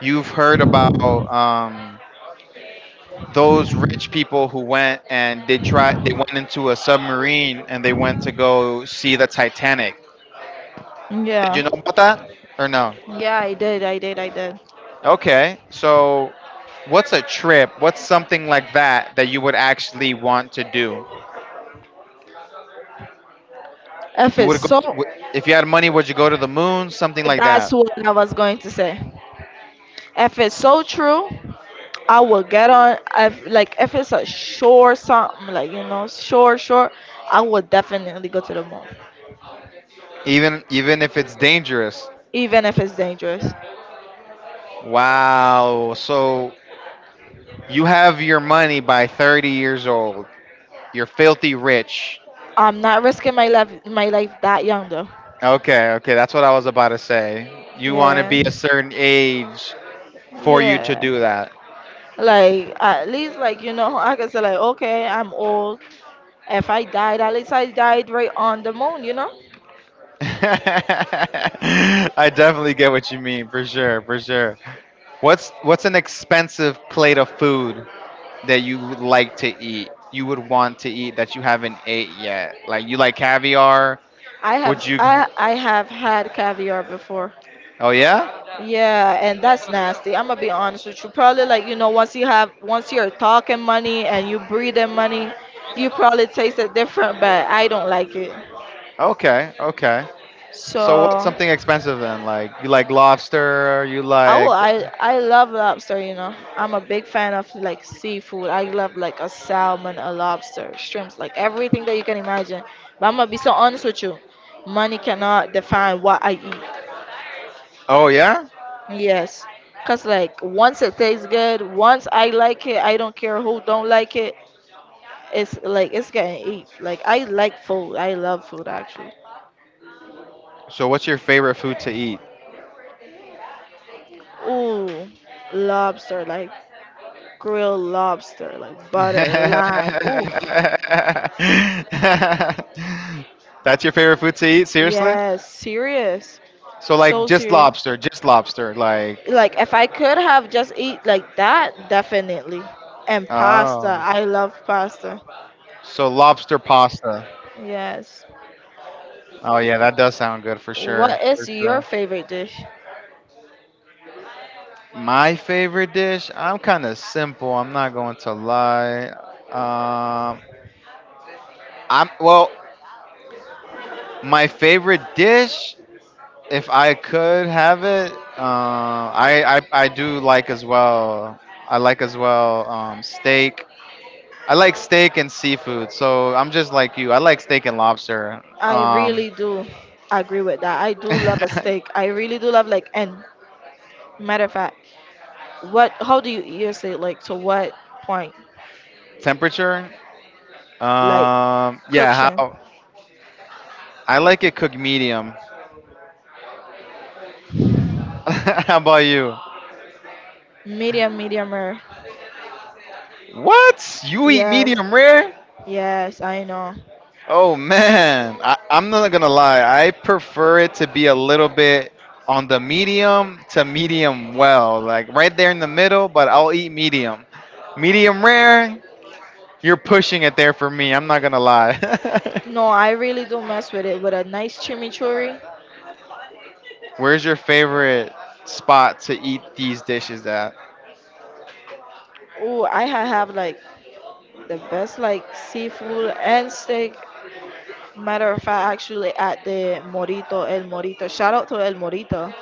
Speaker 1: You've heard about um, those rich people who went and they tried. They went into a submarine and they went to go see the Titanic. Did
Speaker 2: yeah
Speaker 1: you know about that, or no?
Speaker 2: yeah, i did, i did, i did.
Speaker 1: Okay, so what's a trip? What's something like that that you would actually want to do?
Speaker 2: If
Speaker 1: You
Speaker 2: it's
Speaker 1: would go to,
Speaker 2: so
Speaker 1: if you had money. Would you go to the moon? Something like
Speaker 2: that's
Speaker 1: that.
Speaker 2: what I was going to say. If it's so true, I will get on. If like if it's a short something like you know short short, I will definitely go to the mall,
Speaker 1: Even if it's dangerous.
Speaker 2: even if it's dangerous.
Speaker 1: Wow. So you have your money by 30 years old. You're filthy rich.
Speaker 2: I'm not risking my life that young though.
Speaker 1: Okay, okay, that's what I was about to say. You want to
Speaker 2: Yeah,
Speaker 1: be a certain age for you to
Speaker 2: yeah.
Speaker 1: do that.
Speaker 2: Like at least like you know I can say like okay I'm old. If I died, at least I died right on the moon. You know
Speaker 1: (laughs) I definitely get what you mean, for sure, for sure. What's an expensive plate of food that you would like to eat? You would want to eat that you haven't ate yet. Like you like caviar?
Speaker 2: I
Speaker 1: Would
Speaker 2: have
Speaker 1: you
Speaker 2: I I have had caviar before.
Speaker 1: Oh yeah?
Speaker 2: Yeah, and that's nasty. I'm gonna be honest with you. Probably like you know, once you have, once you're talking money and you breathing money, you probably taste it different. But I don't like it.
Speaker 1: Okay, okay. So what's
Speaker 2: So,
Speaker 1: something expensive then? Like you like lobster, you
Speaker 2: oh,
Speaker 1: like
Speaker 2: I love lobster. You know, I'm a big fan of like seafood. I love like a salmon, a lobster, shrimps, like everything that you can imagine. But I'm gonna be so honest with you. Money cannot define what I eat.
Speaker 1: Oh yeah?
Speaker 2: Yes. Cause like once it tastes good, once I like it, I don't care who don't like it. It's like it's getting eat. Like I like food. I love food actually.
Speaker 1: So, what's your favorite food to eat?
Speaker 2: Ooh, lobster, like grilled lobster, like
Speaker 1: (laughs)
Speaker 2: butter, lime. Oof.
Speaker 1: That's your favorite food to eat? Seriously?
Speaker 2: Yes, serious.
Speaker 1: So, like,
Speaker 2: So
Speaker 1: just
Speaker 2: serious.
Speaker 1: lobster, just lobster. Like,
Speaker 2: Like if I could have just eat like that, definitely. And pasta.
Speaker 1: oh.
Speaker 2: I love pasta.
Speaker 1: So, lobster pasta.
Speaker 2: Yes.
Speaker 1: Oh, yeah, that does sound good, for sure.
Speaker 2: What
Speaker 1: For
Speaker 2: is your
Speaker 1: sure.
Speaker 2: favorite dish?
Speaker 1: My favorite dish? I'm kind of simple. I'm not going to lie. Um, well, my favorite dish? If I could have it, I do like as well. I like as well, steak. I like steak and seafood. So I'm just like you. I like steak and lobster.
Speaker 2: I really do agree with that. I do love a
Speaker 1: (laughs)
Speaker 2: steak. I really do love like and matter of fact. What? How do you use it? Like to what point?
Speaker 1: Temperature.
Speaker 2: Like
Speaker 1: Yeah.
Speaker 2: cooking,
Speaker 1: How? I like it cooked medium. (laughs) How about you?
Speaker 2: medium, medium rare.
Speaker 1: What? You eat
Speaker 2: Yes,
Speaker 1: medium rare?
Speaker 2: yes, I know.
Speaker 1: Oh man, I'm not gonna lie. I prefer it to be a little bit on the medium to medium well, like right there in the middle. But I'll eat medium. Medium rare, you're pushing it there for me. I'm not gonna lie.
Speaker 2: No, I really do mess with it with a nice chimichurri.
Speaker 1: (laughs) Where's your favorite spot to eat these dishes at?
Speaker 2: Ooh, I have like the best like seafood and steak. Matter of fact, actually at the Morito, El Morito. Shout out to El Morito.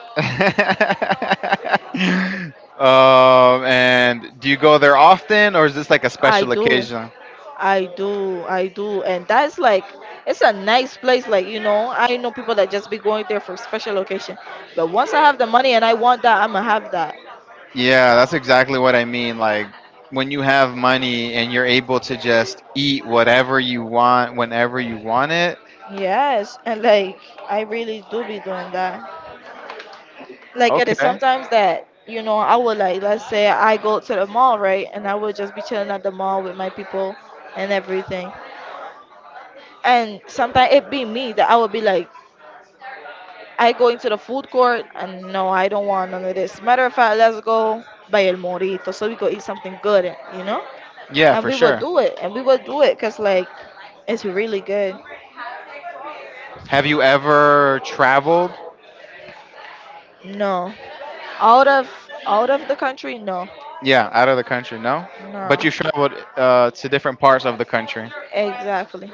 Speaker 1: (laughs) And do you go there often, or is this like a
Speaker 2: I
Speaker 1: special
Speaker 2: do.
Speaker 1: occasion?
Speaker 2: I do, I do, and that's like it's a nice place. Like you know, I know people that just be going there for special occasion, but once I have the money and I want that, I'ma have that.
Speaker 1: Yeah, that's exactly what I mean. Like when you have money and you're able to just eat whatever you want whenever you want it.
Speaker 2: Yes, and like I really do be doing that. Like it is
Speaker 1: Okay.
Speaker 2: sometimes that you know I would like let's say I go to the mall right, and I would just be chilling at the mall with my people and everything. And sometimes it be me that I would be like, I go into the food court and no, I don't want none of this. Matter of fact, let's go by El Morito so we go eat something good, you know?
Speaker 1: Yeah,
Speaker 2: And
Speaker 1: for
Speaker 2: we will
Speaker 1: sure.
Speaker 2: do it, and we will do it because like it's really good.
Speaker 1: Have you ever traveled?
Speaker 2: No, out of the country, no,
Speaker 1: Yeah, out of the country, no?
Speaker 2: no,
Speaker 1: But you've traveled to different parts of the country.
Speaker 2: exactly.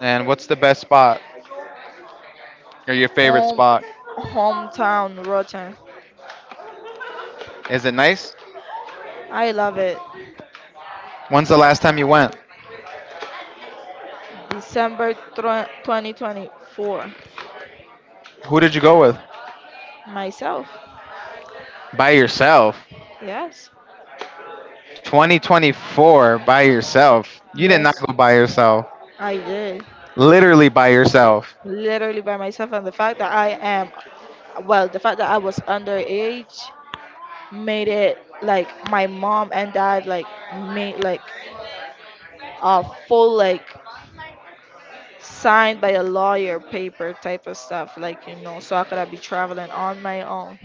Speaker 1: And what's the best spot or your favorite
Speaker 2: Home,
Speaker 1: spot?
Speaker 2: hometown rotten.
Speaker 1: Is it nice?
Speaker 2: I love it.
Speaker 1: When's the last time you went?
Speaker 2: December 2024.
Speaker 1: Who did you go with?
Speaker 2: Myself,
Speaker 1: By yourself.
Speaker 2: yes,
Speaker 1: 2024, by yourself. You did not
Speaker 2: yes,
Speaker 1: go by yourself.
Speaker 2: I did.
Speaker 1: Literally by yourself.
Speaker 2: Literally by myself, and the fact that I am well the fact that I was underage made it like my mom and dad like made like a full like signed by a lawyer paper type of stuff, like you know, so I could have be traveling on my own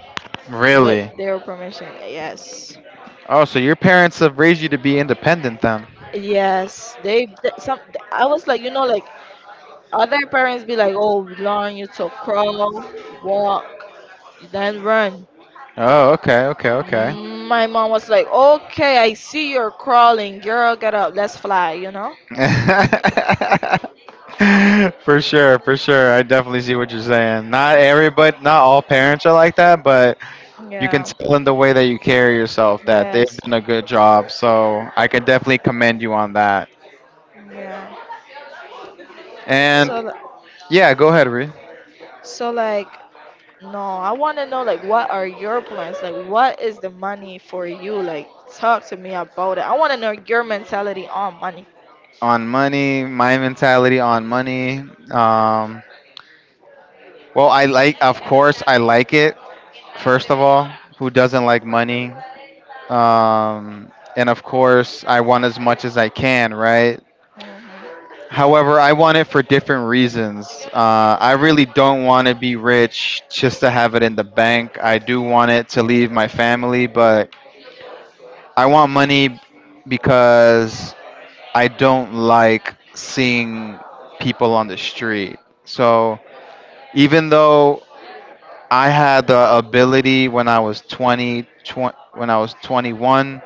Speaker 2: with
Speaker 1: Really?
Speaker 2: their permission. Yes,
Speaker 1: Oh, so your parents have raised you to be independent then?
Speaker 2: yes they some I was like you know like other parents be like oh we learn you to crawl, walk, then run.
Speaker 1: Oh, okay, okay, okay.
Speaker 2: My mom was like, "Okay, I see you're crawling, girl. Get up, let's fly." You know?
Speaker 1: (laughs) For sure, for sure. I definitely see what you're saying. Not everybody, not all parents are like that, but you can
Speaker 2: Yeah.
Speaker 1: tell in the way that you carry yourself that they've
Speaker 2: Yes.
Speaker 1: done a good job. So I can definitely commend you on that.
Speaker 2: Yeah.
Speaker 1: And
Speaker 2: So,
Speaker 1: yeah, go ahead, Ree.
Speaker 2: so like, no, I want to know like, what are your plans? Like, what is the money for you? Like, talk to me about it. I want to know your mentality on money.
Speaker 1: On money, my mentality on money. Um, Well, I like, of course, I like it. First of all, who doesn't like money? And of course, I want as much as I can, right?
Speaker 2: Hmm.
Speaker 1: However, I want it for different reasons. I really don't want to be rich just to have it in the bank. I do want it to leave my family, but I want money because I don't like seeing people on the street. So even though I had the ability when I was 20, 20 when I was 21.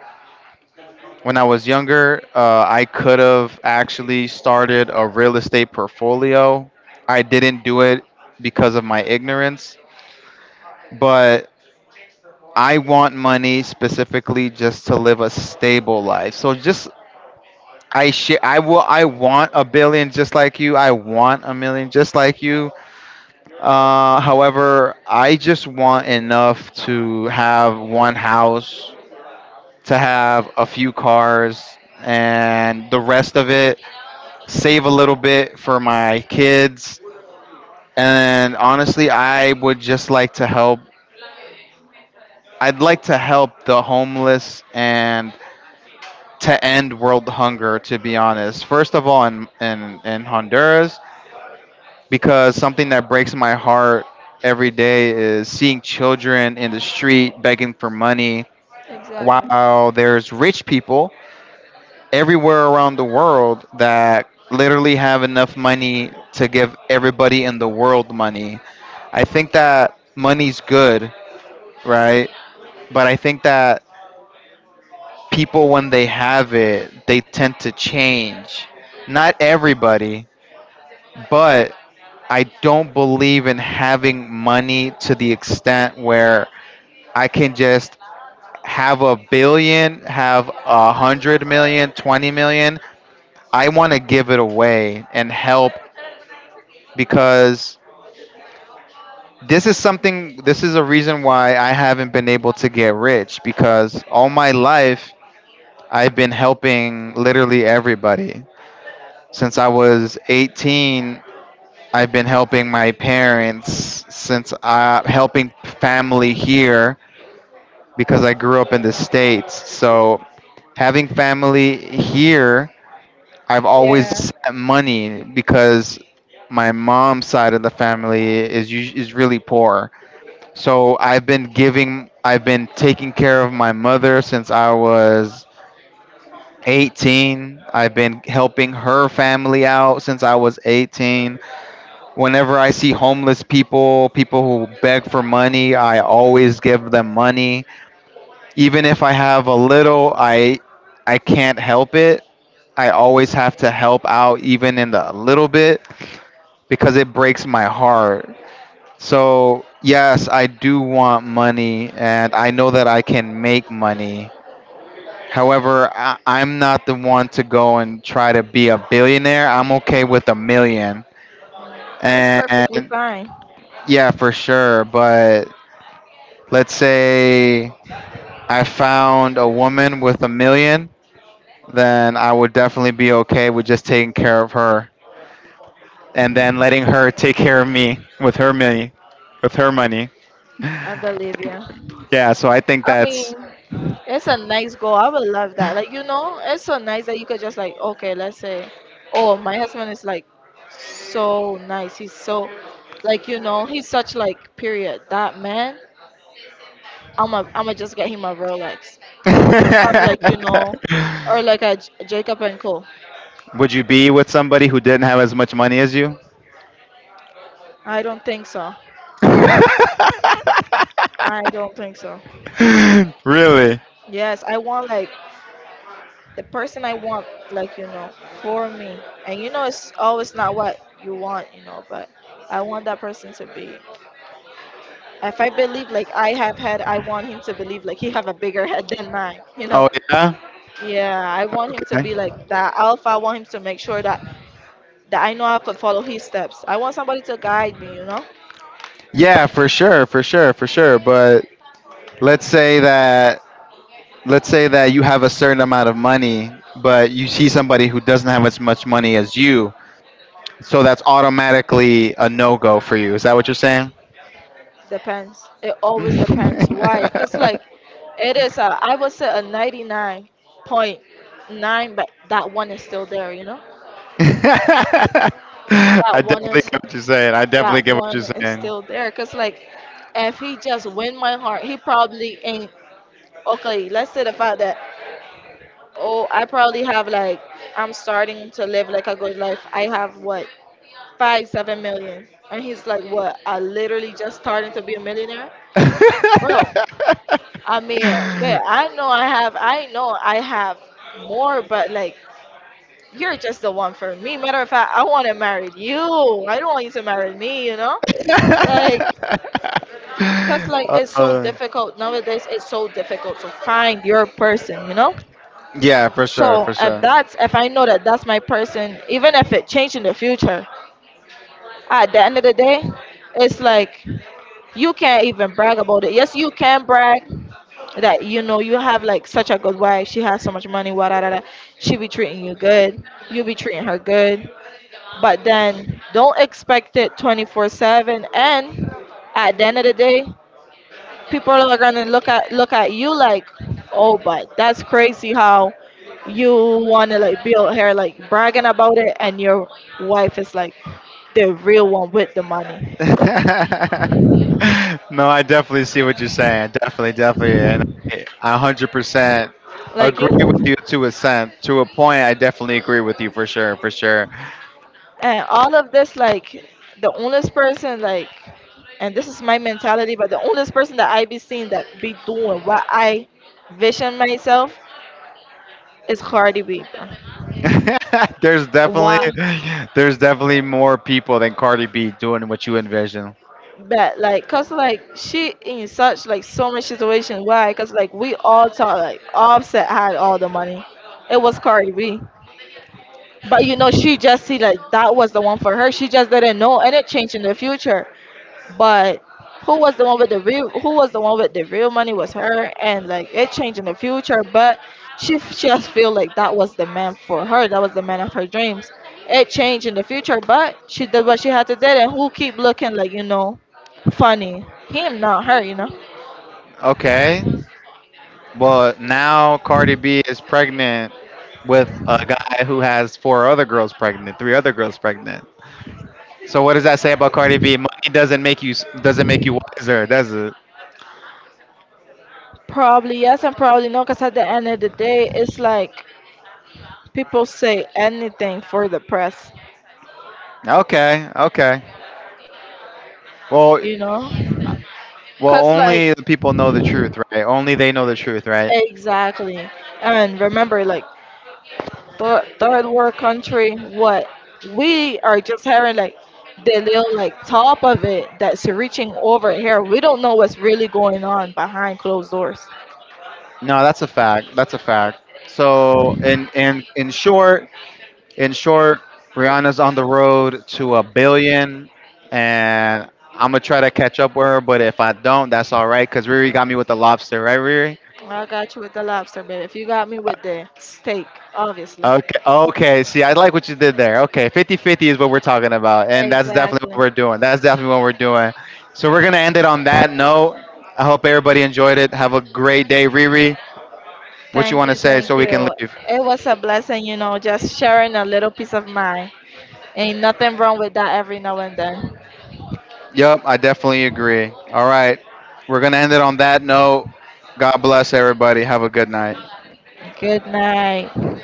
Speaker 1: When I was younger, I could have actually started a real estate portfolio. I didn't do it because of my ignorance, but I want money specifically just to live a stable life. So just I sh- I will I want a billion just like you. I want a million just like you. However, I just want enough to have one house, to have a few cars, and the rest of it save a little bit for my kids, and honestly I would just like to help. I'd like to help the homeless and to end world hunger, to be honest, first of all in, Honduras, because something that breaks my heart every day is seeing children in the street begging for money
Speaker 2: Exactly.
Speaker 1: while there's rich people everywhere around the world that literally have enough money to give everybody in the world money. I think that money's good, right? But I think that people, when they have it, they tend to change. Not everybody, but I don't believe in having money to the extent where I can just have a billion, have a hundred million, 20 million. I want to give it away and help because this is something, this is a reason why I haven't been able to get rich, because all my life I've been helping literally everybody. Since I was 18, I've been helping my parents, since helping family here, because I grew up in the States. So, having family here, I've always
Speaker 2: Yeah,
Speaker 1: set money because my mom's side of the family is really poor. So I've been giving, I've been taking care of my mother since I was 18. I've been helping her family out since I was 18. Whenever I see homeless people, people who beg for money, I always give them money. Even if I have a little, I can't help it. I always have to help out even in the little bit because it breaks my heart. So, yes, I do want money and I know that I can make money. However, I'm not the one to go and try to be a billionaire. I'm okay with a million.
Speaker 2: it's perfectly
Speaker 1: And
Speaker 2: fine.
Speaker 1: yeah, for sure. But let's say I found a woman with a million, then I would definitely be okay with just taking care of her and then letting her take care of me with her money. With her money.
Speaker 2: I believe you.
Speaker 1: Yeah, so I think
Speaker 2: I
Speaker 1: that's...
Speaker 2: mean, it's a nice goal. I would love that. Like, you know, it's so nice that you could just like, okay, let's say, oh, my husband is like so nice. He's so like, you know, he's such like period that man. I'm gonna just get him a Rolex, or
Speaker 1: (laughs)
Speaker 2: like, you know, or like a Jacob and Co.
Speaker 1: Would you be with somebody who didn't have as much money as you? (laughs)
Speaker 2: I don't think so. I don't think so.
Speaker 1: Really?
Speaker 2: Yes, I want like the person I want, like, you know, for me. And you know, it's always not what you want, you know, but I want that person to be if I believe like I have had, I want him to believe like he have a bigger head than mine. You know?
Speaker 1: Oh yeah?
Speaker 2: Yeah, I want him to
Speaker 1: Okay.
Speaker 2: be like that alpha. I want him to make sure that that I know I could follow his steps. I want somebody to guide me. You know?
Speaker 1: Yeah, for sure, for sure, for sure, but let's say that, you have a certain amount of money, but you see somebody who doesn't have as much money as you, so that's automatically a no go for you. Is that what you're saying?
Speaker 2: Depends. It always depends. Why?
Speaker 1: (laughs)
Speaker 2: Cause like it is a I would say a 99.9, but that one is still there. You know? That
Speaker 1: I
Speaker 2: one
Speaker 1: definitely
Speaker 2: is
Speaker 1: get what you're saying. I definitely
Speaker 2: that
Speaker 1: get what
Speaker 2: one
Speaker 1: you're
Speaker 2: is
Speaker 1: saying.
Speaker 2: still there. Cause like if he just win my heart, he probably ain't okay. Let's say the fact that oh, I probably have like I'm starting to live like a good life. I have what five, 7 million, and he's like, what? I literally just starting to be a millionaire, bro. I mean, but
Speaker 1: (laughs)
Speaker 2: I know I have, I know I have more, but like you're just the one for me. Matter of fact, I want to marry you. I don't want you to marry me, you know? Like, cause like it's so
Speaker 1: Uh,
Speaker 2: difficult nowadays. It's so difficult to find your person, you know?
Speaker 1: yeah, for sure,
Speaker 2: So
Speaker 1: for
Speaker 2: if
Speaker 1: sure.
Speaker 2: that's if I know that that's my person, even if it changed in the future, at the end of the day, it's like you can't even brag about it. Yes, you can brag that you know you have like such a good wife. She has so much money. What da, da, da. She be treating you good. You be treating her good. But then don't expect it 24/7. And at the end of the day, people are gonna look at you like, oh, but that's crazy how you wanna like build hair, like bragging about it, and your wife is like the real one with the money,
Speaker 1: (laughs) No, I definitely see what you're saying. Definitely, definitely, and I 100%
Speaker 2: like
Speaker 1: agree
Speaker 2: you.
Speaker 1: with you to a cent. To a point, I definitely agree with you, for sure, for sure.
Speaker 2: And all of this, like the only person, like, and this is my mentality, but the only person that I be seeing that be doing what I vision myself is Cardi Weaver.
Speaker 1: (laughs) there's definitely,
Speaker 2: Why?
Speaker 1: there's definitely more people than Cardi B doing what you envision.
Speaker 2: But like, cause like she in such like so many situations. Why? Cause like we all thought like Offset had all the money. It was Cardi B. But you know, she just see like that was the one for her. She just didn't know, and it changed in the future. But who was the one with the real? Who was the one with the real money? Was her, and like it changed in the future. But she she just feel like that was the man for her. That was the man of her dreams. It changed in the future, but she did what she had to do. And who keep looking like you know, funny him, not her. You know,
Speaker 1: Okay, well now Cardi B is pregnant with a guy who has four other girls pregnant, three other girls pregnant. So what does that say about Cardi B? Money doesn't make you s- doesn't make you wiser, does it?
Speaker 2: probably yes and probably no. Cause at the end of the day, it's like people say anything for the press.
Speaker 1: Okay, okay. Well,
Speaker 2: You know,
Speaker 1: well,
Speaker 2: cause like
Speaker 1: only the people know the truth, right? Only they know the truth, right?
Speaker 2: exactly. And remember, like but third world country, what we are just having like the little like top of it that's reaching over here. We don't know what's really going on behind closed doors.
Speaker 1: No, that's a fact. That's a fact. So in short, Rihanna's on the road to a billion, and I'm gonna try to catch up with her. But if I don't, that's all right, cause Riri got me with the lobster, right, Riri?
Speaker 2: I got you with the lobster, baby. If you got me with the steak, obviously.
Speaker 1: Okay. Okay. See, I like what you did there. Okay. Fifty-fifty is what we're talking about. And that's definitely what
Speaker 2: Exactly.
Speaker 1: we're doing. That's definitely what we're doing. So we're going to end it on that note. I hope everybody enjoyed it. Have a great day, Riri. What you
Speaker 2: Thank
Speaker 1: want to
Speaker 2: you,
Speaker 1: say so
Speaker 2: thank
Speaker 1: we can
Speaker 2: you.
Speaker 1: leave?
Speaker 2: It was a blessing, you know, just sharing a little piece of mind. Ain't nothing wrong with that every now and then.
Speaker 1: Yep. I definitely agree. All right. We're going to end it on that note. God bless everybody. Have a good night.
Speaker 2: Good night.